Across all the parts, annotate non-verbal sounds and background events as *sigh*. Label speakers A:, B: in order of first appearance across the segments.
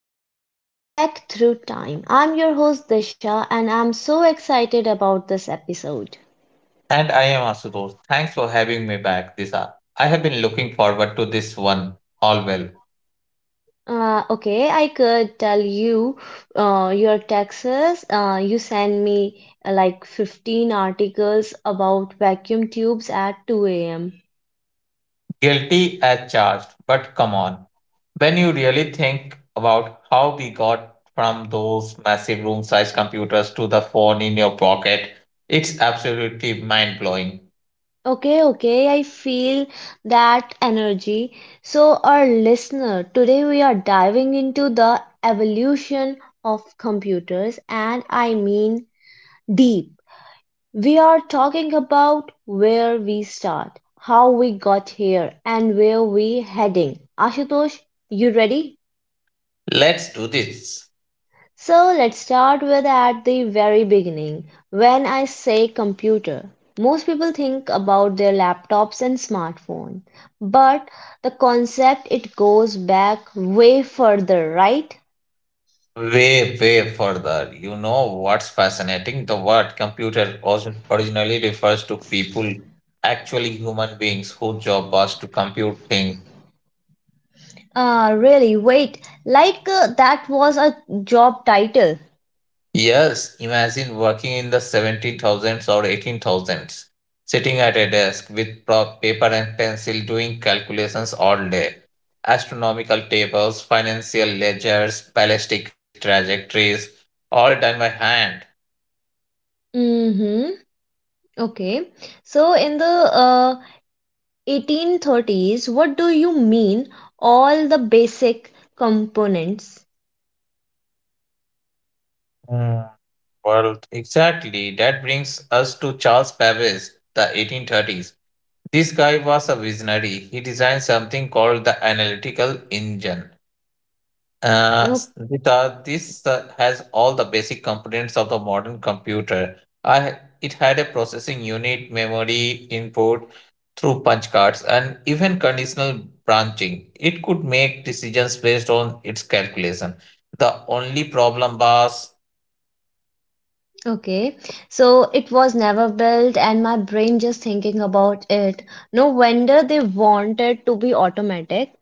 A: The Tech Through Time. I'm your host Disha, and I'm so excited about this episode.
B: And I am Asutosh. Thanks for having me back, Disha. I have been looking forward to this one. All well.
A: Okay, I could tell you, your Texas. You sent me, like 15 articles about vacuum tubes at 2 a.m.
B: Guilty as charged, but come on. When you really think about how we got from those massive room sized computers to the phone in your pocket, it's absolutely mind blowing.
A: Okay, okay, I feel that energy. So, our listener, today we are diving into the evolution of computers, and I mean deep. We are talking about where we start, how we got here, and where we heading. Ashutosh, you ready?
B: Let's do this.
A: So let's start with at the very beginning. When I say computer, most people think about their laptops and smartphone, but the concept it goes back way further, right?
B: Way way further, you know what's fascinating? The word computer also originally refers to people, actually human beings whose job was to compute things.
A: Really, wait, like, that was a job title.
B: Yes, imagine working in the 17000s or 18000s, sitting at a desk with paper and pencil, doing calculations all day. Astronomical tables, financial ledgers, ballistic trajectories, all done by hand.
A: Mm-hmm. Okay, so in the 1830s, what do you mean all the basic components?
B: World. Exactly. That brings us to Charles Babbage, the 1830s. This guy was a visionary. He designed something called the analytical engine. Uh, s-
A: No,
B: this uh, this, uh, has all the basic components of the modern computer. I, it had a processing unit, memory input through punch cards, and even conditional branching. It could make decisions based on its calculation. The only problem was
A: okay, so it was never built, and my brain just thinking about it. No wonder they wanted to be automatic,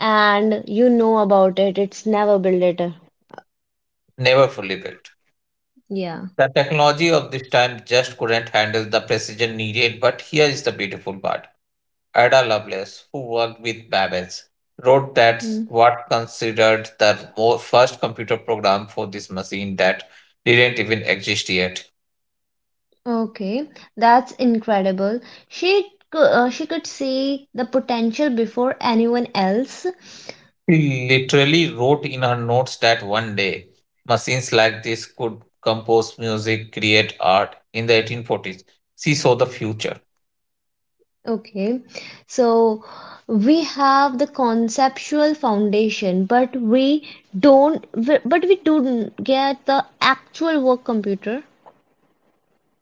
A: and you know about it, it's never built it.
B: never fully built.
A: Yeah.
B: The technology of this time just couldn't handle the precision needed, but here is the beautiful part. Ada Lovelace, who worked with Babbage, wrote that
A: Hmm.
B: what considered the first computer program for this machine that didn't even exist yet.
A: Okay, that's incredible. She could see the potential before anyone else.
B: She literally wrote in her notes that one day machines like this could compose music, create art. In the 1840s, she saw the future.
A: Okay, so we have the conceptual foundation, but we don't get the actual work computer.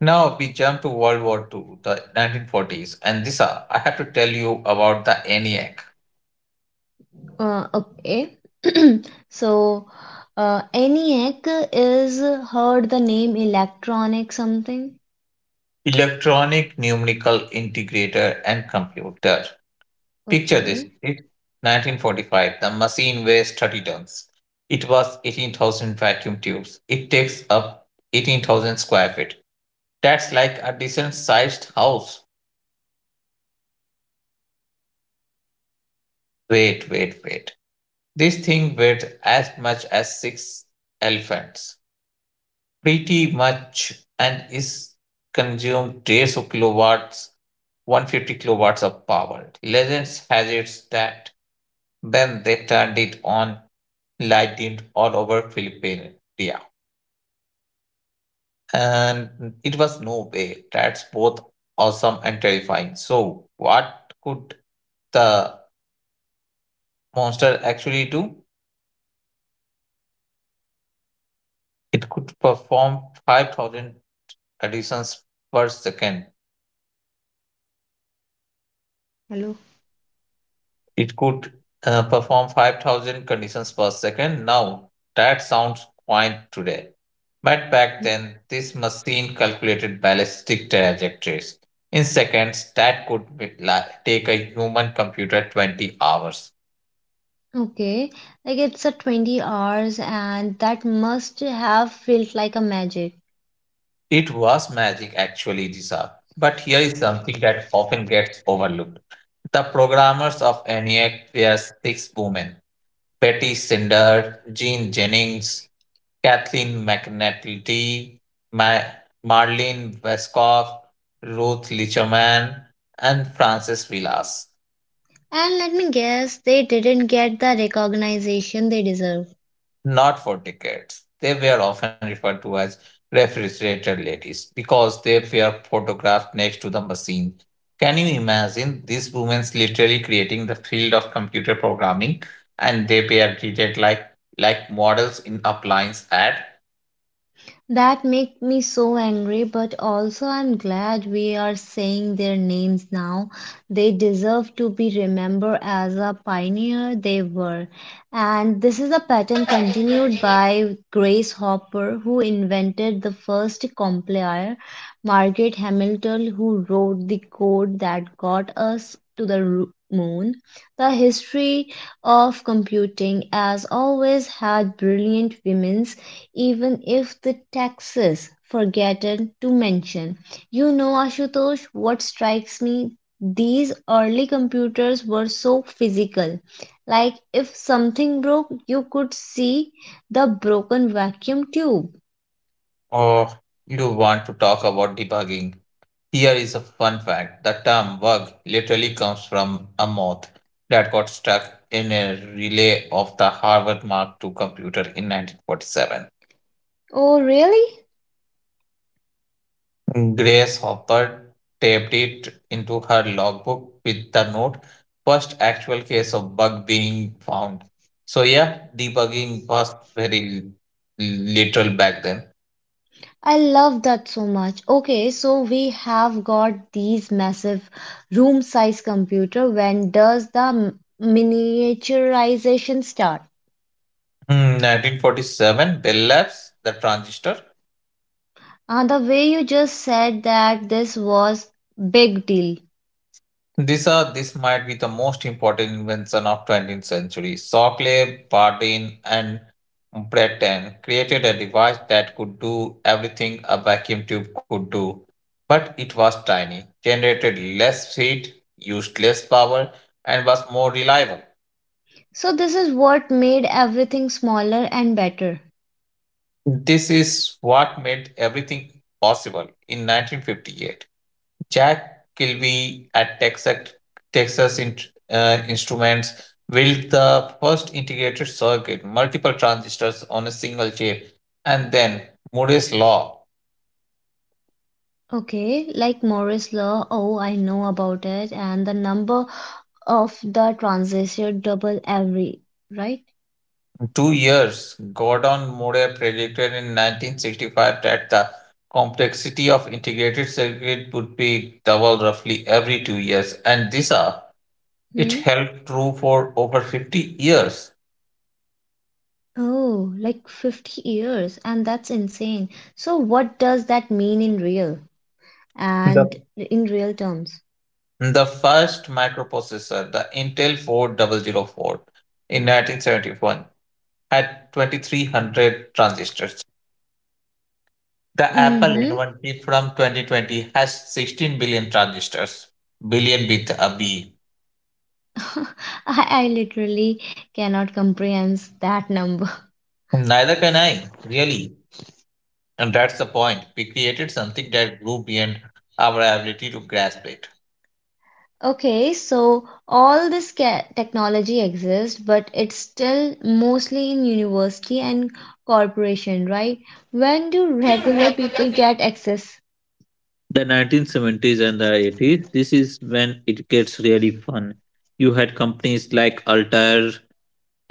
B: Now we jump to World War II, the 1940s, and this I have to tell you about the ENIAC,
A: Okay, so ENIAC is heard the name electronic something.
B: Electronic Numerical Integrator and Computer. Picture this,
A: Okay.
B: it's 1945, the machine weighs 30 tons. It was 18,000 vacuum tubes. It takes up 18,000 square feet. That's like a decent sized house. Wait, wait, wait. This thing weighed as much as six elephants. Pretty much, and is consumed 150 kilowatts, 150 kilowatts of power. Legends has it that then they turned it on, lighted all over Philippines. And it was no way. That's both awesome and terrifying. So, what could the monster actually do? It could perform 5,000 additions per second.
A: Hello.
B: It could perform 5,000 conditions per second. Now, that sounds quaint today. But back
A: Mm.
B: then, this machine calculated ballistic trajectories. In seconds, that could take a human computer 20 hours.
A: Okay, like it's a 20 hours, and that must have felt like a magic.
B: It was magic, actually, Disha. But here is something that often gets overlooked. The programmers of ENIAC were six women: Betty Sinder, Jean Jennings, Kathleen McNally, Ma- Marlene Vescoff, Ruth Licherman, and Francis Vilas.
A: And let me guess, they didn't get the recognition they deserve.
B: Not for decades. They were often referred to as refrigerator ladies because they were photographed next to the machine. Can you imagine these women literally creating the field of computer programming and they were treated like models in appliance ad?
A: That make me so angry, but also I'm glad we are saying their names now. They deserve to be remembered as a pioneer they were. And this is a pattern continued by Grace Hopper, who invented the first compiler, Margaret Hamilton, who wrote the code that got us to the moon. The history of computing has always had brilliant women, even if the taxes forgotten to mention. You know, Ashutosh, what strikes me? These early computers were so physical. Like if something broke, you could see the broken vacuum tube.
B: Or you want to talk about debugging? Here is a fun fact. The term bug literally comes from a moth that got stuck in a relay of the Harvard Mark II computer in 1947.
A: Oh, really?
B: Grace Hopper taped it into her logbook with the note, first actual case of bug being found. So yeah, debugging was very l- literal back then.
A: I love that so much. Okay, so we have got these massive room size computer. When does the miniaturization start?
B: 1947, Bell Labs, the transistor.
A: And the way you just said that, this was big deal.
B: These are this might be the most important invention of 20th century. Shockley, Bardeen, and Breton created a device that could do everything a vacuum tube could do, but it was tiny, generated less heat, used less power, and was more reliable.
A: So this is what made everything smaller and better.
B: This is what made everything possible in 1958. Jack Kilby at Texas Instruments built the first integrated circuit, multiple transistors on a single chip. And then Moore's Law.
A: Okay, like Morris law. Oh, I know about it. And the number of the transistor double every, right?
B: 2 years, Gordon Moore predicted in 1965 that the complexity of integrated circuit would be double roughly every 2 years. And it
A: Hmm?
B: held true for over 50 years.
A: Oh, like 50 years, and that's insane. So what does that mean
B: The
A: in real terms?
B: The first microprocessor, the Intel 4004 in 1971, had 2,300 transistors. The Apple
A: Mm-hmm.
B: inventory from 2020 has 16 billion transistors, billion with a B.
A: *laughs* I literally cannot comprehend that number. *laughs*
B: Neither can I, really. And that's the point. We created something that grew beyond our ability to grasp it.
A: Okay, so all this technology exists, but it's still mostly in university and corporation, right? When do regular people get access?
B: The 1970s and the 80s, this is when it gets really fun. You had companies like Altair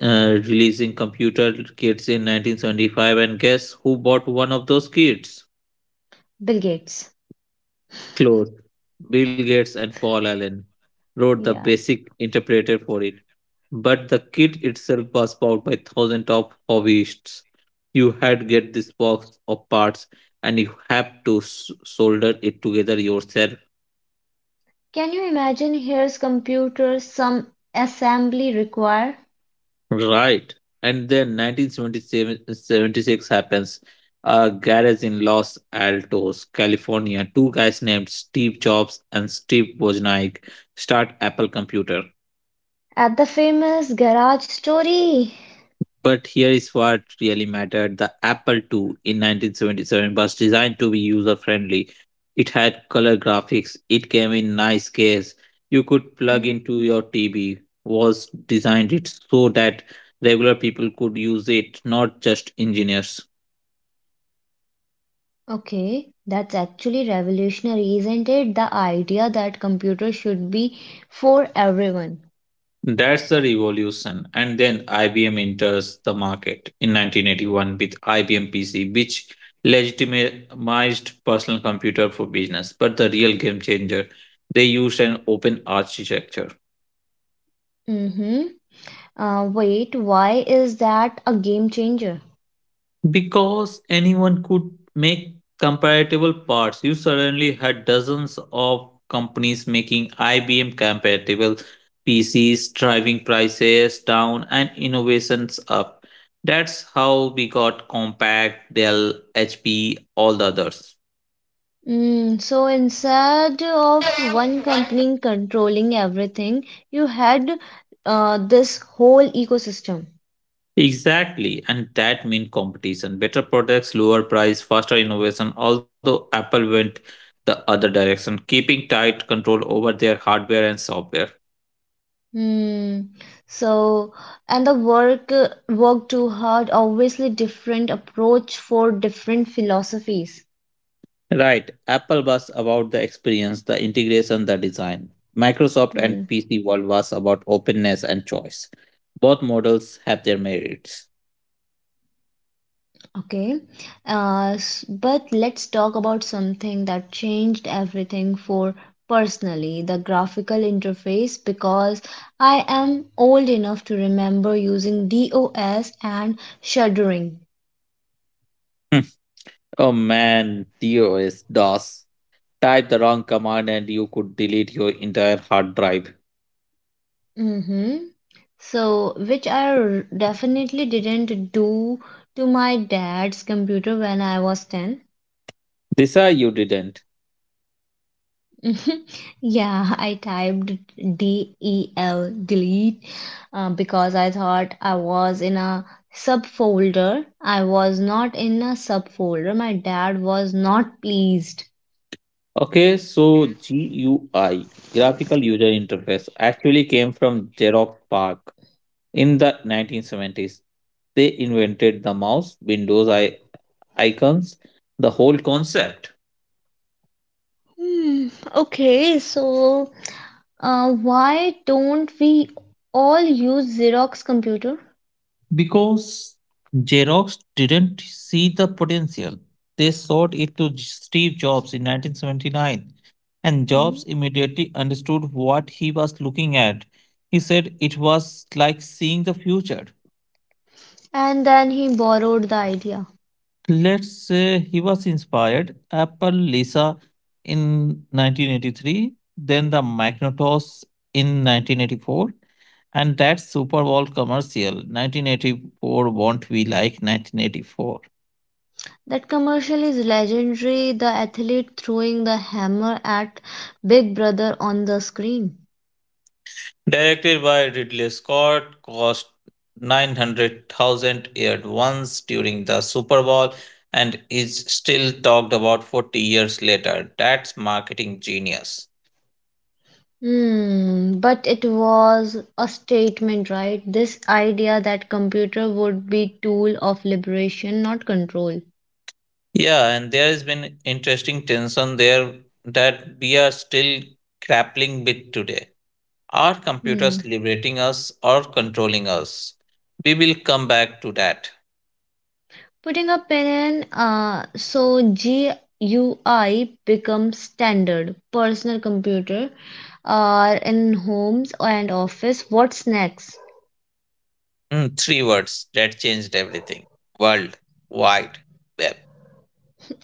B: releasing computer kits in 1975, and guess who bought one of those kits?
A: Bill Gates.
B: Close. Bill Gates and Paul Allen wrote the
A: Yeah.
B: basic interpreter for it, but the kit itself was bought by thousands of hobbyists. You had to get this box of parts, and you have to solder it together yourself.
A: Can you imagine? Here's computers, some assembly required.
B: Right. And then 1976 happens. A garage in Los Altos, California. Two guys named Steve Jobs and Steve Wozniak start Apple Computer.
A: At the famous garage story.
B: But here is what really mattered. The Apple II in 1977 was designed to be user friendly. It had color graphics. It came in nice case. You could plug
A: Hmm,
B: into your TV. Was designed it so that regular people could use it, not just engineers.
A: Okay, that's actually revolutionary, isn't it? The idea that computers should be for everyone.
B: That's the revolution. And then IBM enters the market in 1981 with IBM PC, which legitimized personal computer for business. But the real game changer, they used an open architecture.
A: Mm-hmm. Wait, why is that a game changer?
B: Because anyone could make comparable parts, you suddenly had dozens of companies making IBM compatible PCs, driving prices down and innovations up. That's how we got Compact, Dell, HP, all the others.
A: So instead of one company controlling everything, you had, this whole ecosystem.
B: Exactly, and that means competition. Better products, lower price, faster innovation. Although Apple went the other direction, keeping tight control over their hardware and software.
A: Hmm. So, and the work too hard, obviously different approach for different philosophies.
B: Right, Apple was about the experience, the integration, the design. Microsoft and
A: Hmm.
B: PC World was about openness and choice. Both models have their merits.
A: Okay. But let's talk about something that changed everything for personally, the graphical interface, because I am old enough to remember using DOS and shuddering.
B: Hmm. Oh man, DOS, DOS. Type the wrong command and you could delete your entire hard drive.
A: Mm-hmm. So, which I definitely didn't do to my dad's computer when I was 10.
B: This I you didn't.
A: *laughs* Yeah, I typed DEL, delete, because I thought I was in a subfolder. I was not in a subfolder. My dad was not pleased.
B: Okay, so GUI, graphical user interface, actually came from Xerox PARC. In the 1970s, they invented the mouse, Windows, icons, the whole concept.
A: Hmm, okay, so why don't we all use Xerox computer?
B: Because Xerox didn't see the potential. They sold it to Steve Jobs in 1979, and
A: Hmm.
B: Jobs immediately understood what he was looking at. He said it was like seeing the future.
A: And then he borrowed the idea.
B: Let's say he was inspired Apple Lisa in 1983, then the Macintosh in 1984, and that Super Bowl commercial 1984 won't be like 1984.
A: That commercial is legendary, the athlete throwing the hammer at Big Brother on the screen.
B: Directed by Ridley Scott, cost 900,000, aired once during the Super Bowl, and is still talked about 40 years later. That's marketing genius.
A: But it was a statement, right? This idea that computer would be tool of liberation, not control.
B: Yeah, and there has been interesting tension there that we are still grappling with today. Are computers
A: Hmm.
B: liberating us or controlling us? We will come back to that.
A: Putting a pin in, so GUI becomes standard. Personal computer, are in homes and office. What's next?
B: Three words that changed everything. World wide web.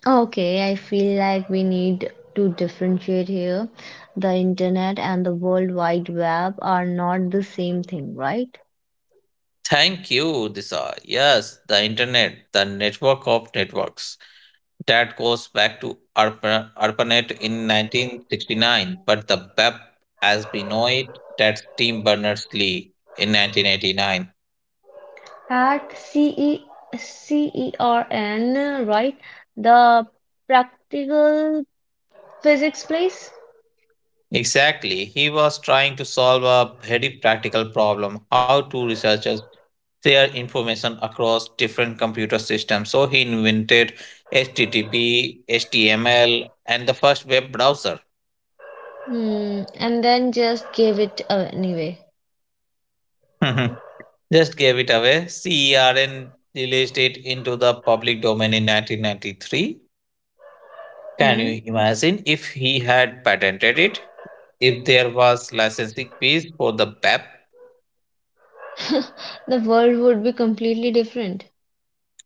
A: Okay, I feel like we need to differentiate here. The internet and the World Wide Web are not the same thing, right?
B: Thank you, Disha. Yes, the internet, the network of networks that goes back to ARPANET in 1969, but the web as we know it, that's Tim Berners-Lee in 1989.
A: At CERN, right? The practical physics place?
B: Exactly. He was trying to solve a very practical problem, how to researchers share information across different computer systems. So he invented HTTP, HTML, and the first web browser. *laughs*
A: And then just gave it away anyway.
B: Mhm. Just gave it away. CERN released it into the public domain in 1993. Can
A: Hmm?
B: you imagine if he had patented it? If there was licensing fees for the BEP.
A: *laughs* The world would be completely different.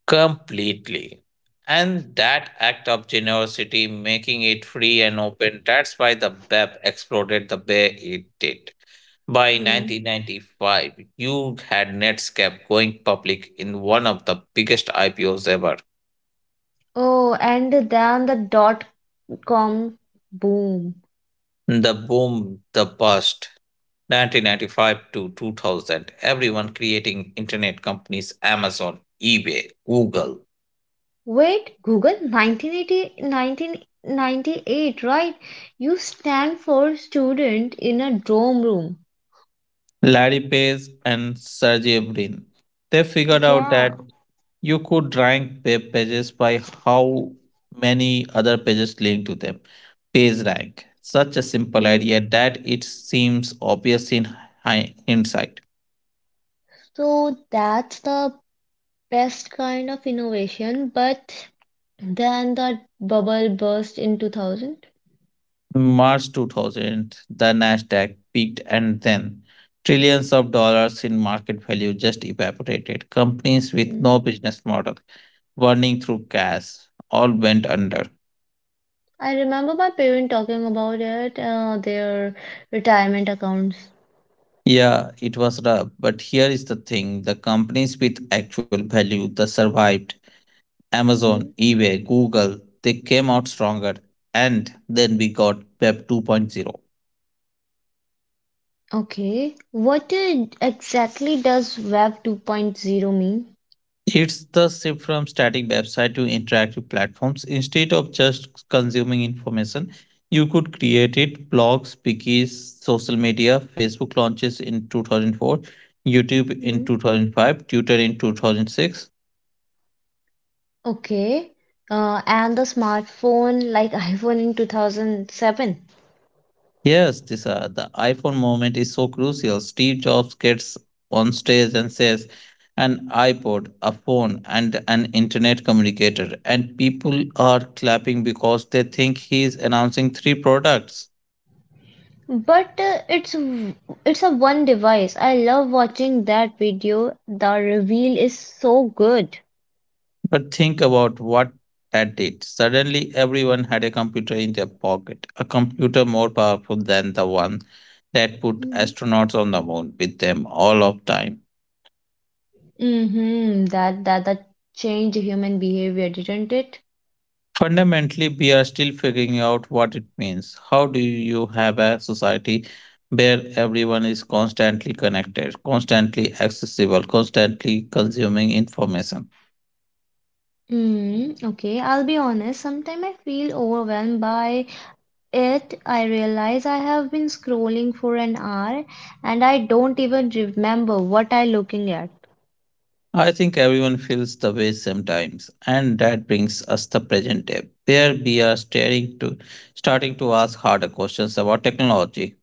B: Completely. And that act of generosity, making it free and open, that's why the BEP exploded the way it did. By
A: Hmm.
B: 1995, you had Netscape going public in one of the biggest IPOs ever.
A: Oh, and then the dot com boom.
B: The boom, the bust, 1995 to 2000, everyone creating internet companies: Amazon, eBay, Google.
A: Wait, Google? Nineteen eighty nineteen ninety eight, right? You stand for student in a dorm room.
B: Larry Page and Sergey Brin. They figured out that
A: Yeah.
B: you could rank web pages by how many other pages link to them. Page rank. Such a simple
A: Hmm.
B: idea that it seems obvious in hindsight.
A: So that's the best kind of innovation, but then the bubble burst in 2000.
B: In March 2000, the Nasdaq peaked and then trillions of dollars in market value just evaporated. Companies with
A: Hmm.
B: no business model, burning through cash, all went under.
A: I remember my parents talking about it, their retirement accounts.
B: Yeah, it was rough, but here is the thing: the companies with actual value that survived, Amazon,
A: Hmm.
B: eBay, Google, they came out stronger. And then we got Web 2.0.
A: Okay. What exactly does Web 2.0 mean?
B: It's the shift from static website to interactive platforms. Instead of just consuming information, you could create it: blogs, wikis, social media, Facebook launches in 2004, YouTube in
A: Hmm.
B: 2005, Twitter in 2006.
A: Okay. And the smartphone, like *laughs* iPhone in 2007.
B: Yes, this the iPhone moment is so crucial. Steve Jobs gets on stage and says, an iPod, a phone, and an internet communicator, and people are clapping because they think he is announcing three products.
A: But it's a one device. I love watching that video. The reveal is so good.
B: But think about what that did. Suddenly, everyone had a computer in their pocket, a computer more powerful than the one that put
A: Mm-hmm.
B: astronauts on the moon with them all of time.
A: Mm-hmm. That changed human behavior, didn't it?
B: Fundamentally, we are still figuring out what it means. How do you have a society where everyone is constantly connected, constantly accessible, constantly consuming information?
A: Okay, I'll be honest. Sometimes I feel overwhelmed by it. I realize I have been scrolling for an hour, and I don't even remember what I'm looking at.
B: I think everyone feels the way sometimes, and that brings us the present day, where we are starting to ask harder questions about technology.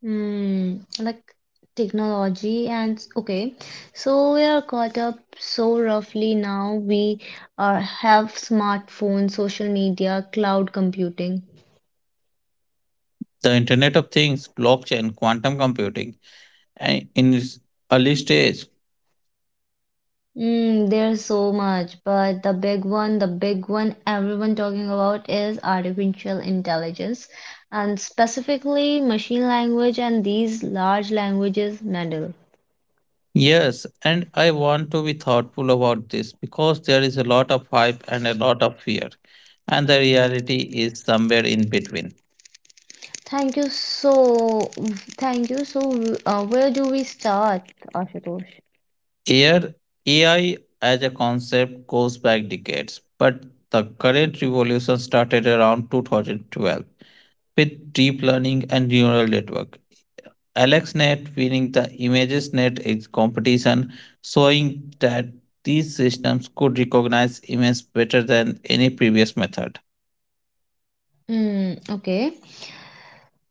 A: Hmm, like technology, and okay, so we are caught up so roughly now. We are have smartphones, social media, cloud computing.
B: The Internet of Things, blockchain, quantum computing, and in its early stage.
A: There's so much, but the big one everyone talking about is artificial intelligence, and specifically machine language and these large languages model.
B: Yes, and I want to be thoughtful about this because there is a lot of hype and a lot of fear, and the reality is somewhere in between.
A: Thank you so, Thank you so. Where do we start, Ashutosh?
B: Air AI as a concept goes back decades, but the current revolution started around 2012 with deep learning and neural network. AlexNet winning the competition, showing that these systems could recognize images better than any previous method.
A: Okay.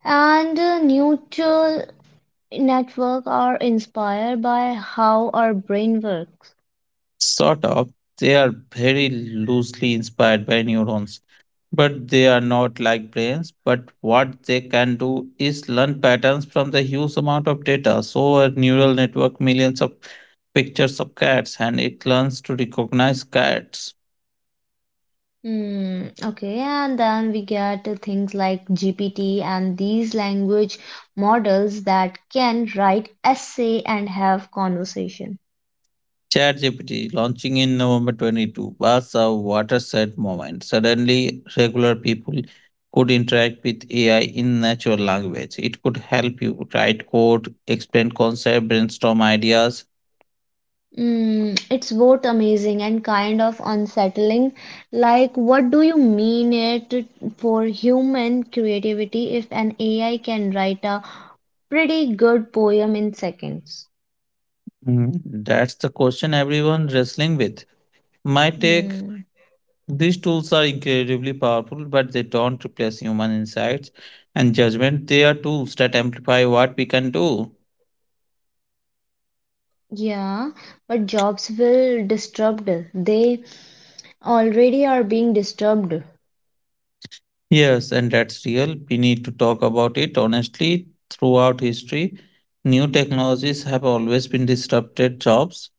A: And neural network are inspired by how our brain works.
B: Sort of, they are very loosely inspired by neurons, but they are not like brains. But what they can do is learn patterns from the huge amount of data, so a neural network millions of pictures of cats and it learns to recognize cats.
A: Hmm. Okay. And then we get things like GPT and these language models that can write essay and have conversation.
B: ChatGPT launching in November 22 was a watershed moment. Suddenly, regular people could interact with AI in natural language. It could help you write code, explain concepts, brainstorm ideas.
A: It's both amazing and kind of unsettling. Like, what do you mean it for human creativity if an AI can write a pretty good poem in seconds?
B: Mhm. That's the question everyone wrestling with. My take:
A: Hmm.
B: these tools are incredibly powerful, but they don't replace human insights and judgment. They are tools that amplify what we can do.
A: Yeah, but jobs will disrupt. They already are being disturbed.
B: Yes, and that's real. We need to talk about it honestly. Throughout history, new technologies have always been disrupted jobs.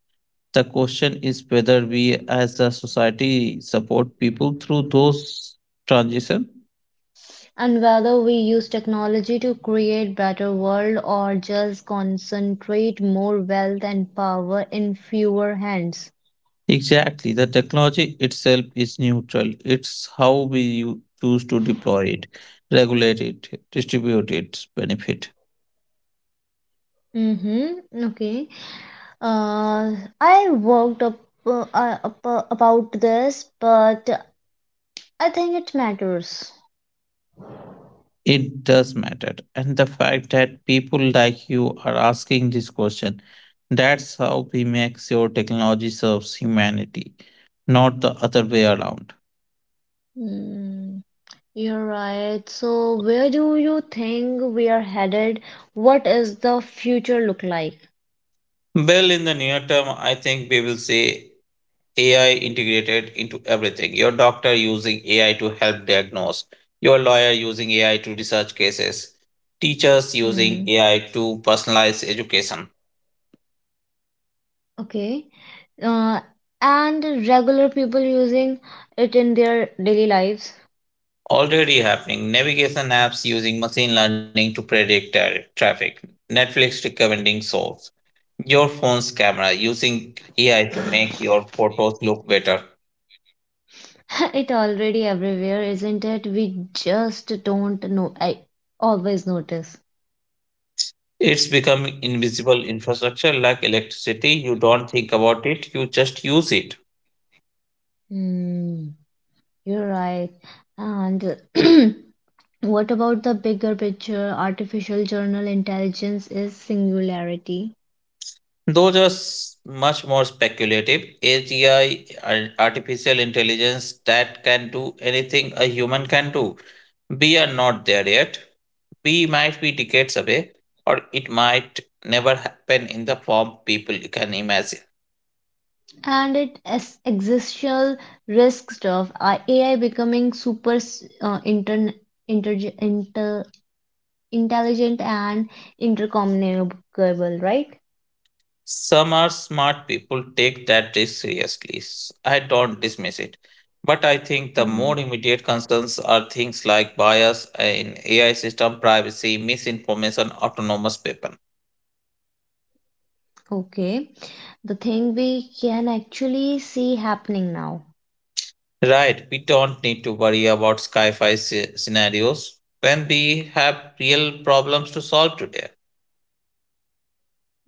B: The question is whether we as a society support people through those transitions.
A: And whether we use technology to create better world or just concentrate more wealth and power in fewer hands.
B: Exactly. The technology itself is neutral. It's how we choose to deploy it, regulate it, distribute its benefit.
A: Mm-hmm. Okay. Uh, I worked up about this, but I think it matters.
B: It does matter. And the fact that people like you are asking this question, that's how we make sure technology serves humanity, not the other way around.
A: Mm, you're right. So, where do you think we are headed? What is the future look like?
B: Well, in the near term, I think we will see AI integrated into everything. Your doctor using AI to help diagnose, your lawyer using AI to research cases, teachers using
A: Hmm.
B: AI to personalize education.
A: Okay. Uh, and regular people using it in their daily lives.
B: Already happening. Navigation apps using machine learning to predict traffic, Netflix recommending shows, your phone's camera using AI to make your photos look better.
A: *laughs* It already everywhere, isn't it? We just don't know. I always notice.
B: It's becoming invisible infrastructure like electricity. You don't think about it, you just use it.
A: Hmm. You're right. And *clears throat* what about the bigger picture? Artificial general intelligence is singularity.
B: Those are much more speculative. AGI, artificial intelligence, that can do anything a human can do. We are not there yet. We might be decades away, or it might never happen in the form people can imagine.
A: And it is existential risk stuff. AI becoming super, uh, inter, inter, inter, intelligent and intercommunicable, right?
B: Some are smart people take that risk seriously. I don't dismiss it. But I think the
A: Hmm.
B: more immediate concerns are things like bias in AI system, privacy, misinformation, autonomous weapon.
A: Okay. The thing we can actually see happening now.
B: Right, we don't need to worry about sci fi scenarios when we have real problems to solve today.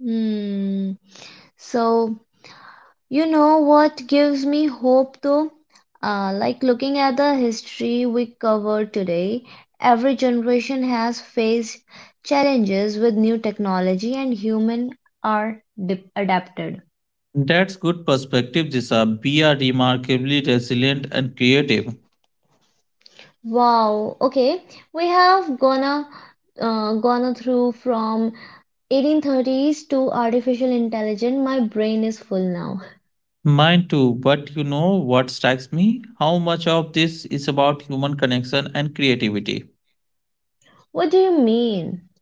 A: Hmm. So, you know what gives me hope though? Like looking at the history we covered today, every generation has faced challenges with new technology, and human are adapted.
B: That's good perspective, Jisa. We are remarkably resilient and creative.
A: Wow, okay. We have gone through from 1830s to artificial intelligence. My brain is full now.
B: Mine too, but you know what strikes me? How much of this is about human connection and creativity?
A: What do you mean?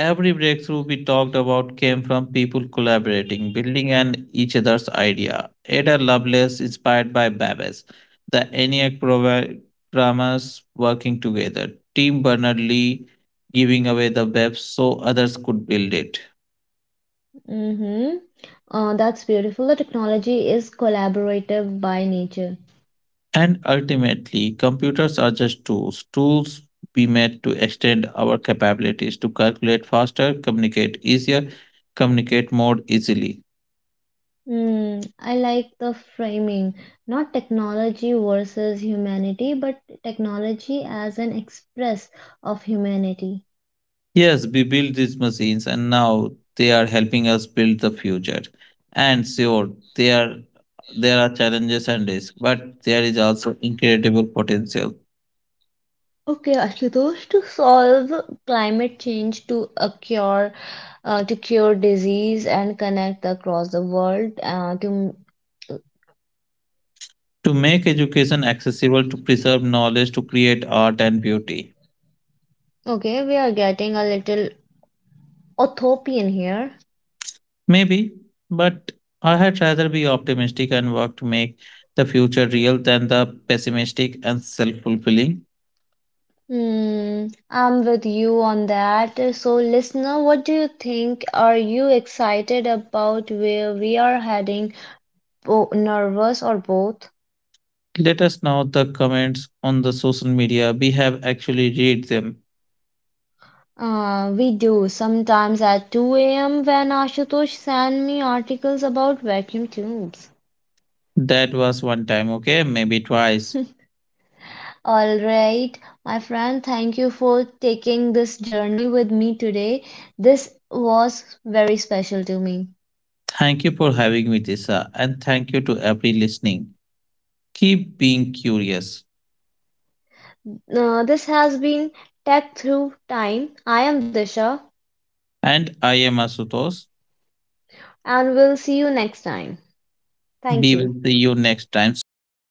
B: Every breakthrough we talked about came from people collaborating, building on each other's idea. Ada Lovelace inspired by Babbage, the ENIAC programmers working together, Tim Berners-Lee giving away the web so others could build it.
A: Mm-hmm. That's beautiful. The technology is collaborative by nature.
B: And ultimately, computers are just tools, tools we made to extend our capabilities to calculate faster, communicate easier, communicate more easily.
A: I like the framing, not technology versus humanity, but technology as an express of humanity.
B: Yes, we built these machines and now they are helping us build the future. And sure, there are there are challenges and risks, but there is also incredible potential
A: Okay, Ashutosh, to solve climate change, to cure disease and connect across the world. To
B: to make education accessible, to preserve knowledge, to create art and beauty.
A: Okay, we are getting a little utopian here.
B: Maybe, but I had rather be optimistic and work to make the future real than the pessimistic and self-fulfilling.
A: I'm with you on that. So, listener, what do you think? Are you excited about where we are heading? Bo Nervous or both?
B: Let us know the comments on the social media. We have actually read them.
A: We do. Sometimes at 2 a.m. when Ashutosh send me articles about vacuum tubes.
B: That was one time, okay? Maybe twice.
A: All right, my friend, thank you for taking this journey with me today. This was very special to me.
B: Thank you for having me, Tisha, and thank you to every listening. Keep being curious.
A: This has been Tech Through Time. I am Disha.
B: And I am Asutosh.
A: And we'll see you next time. Thank
B: We
A: you.
B: will see you next time soon.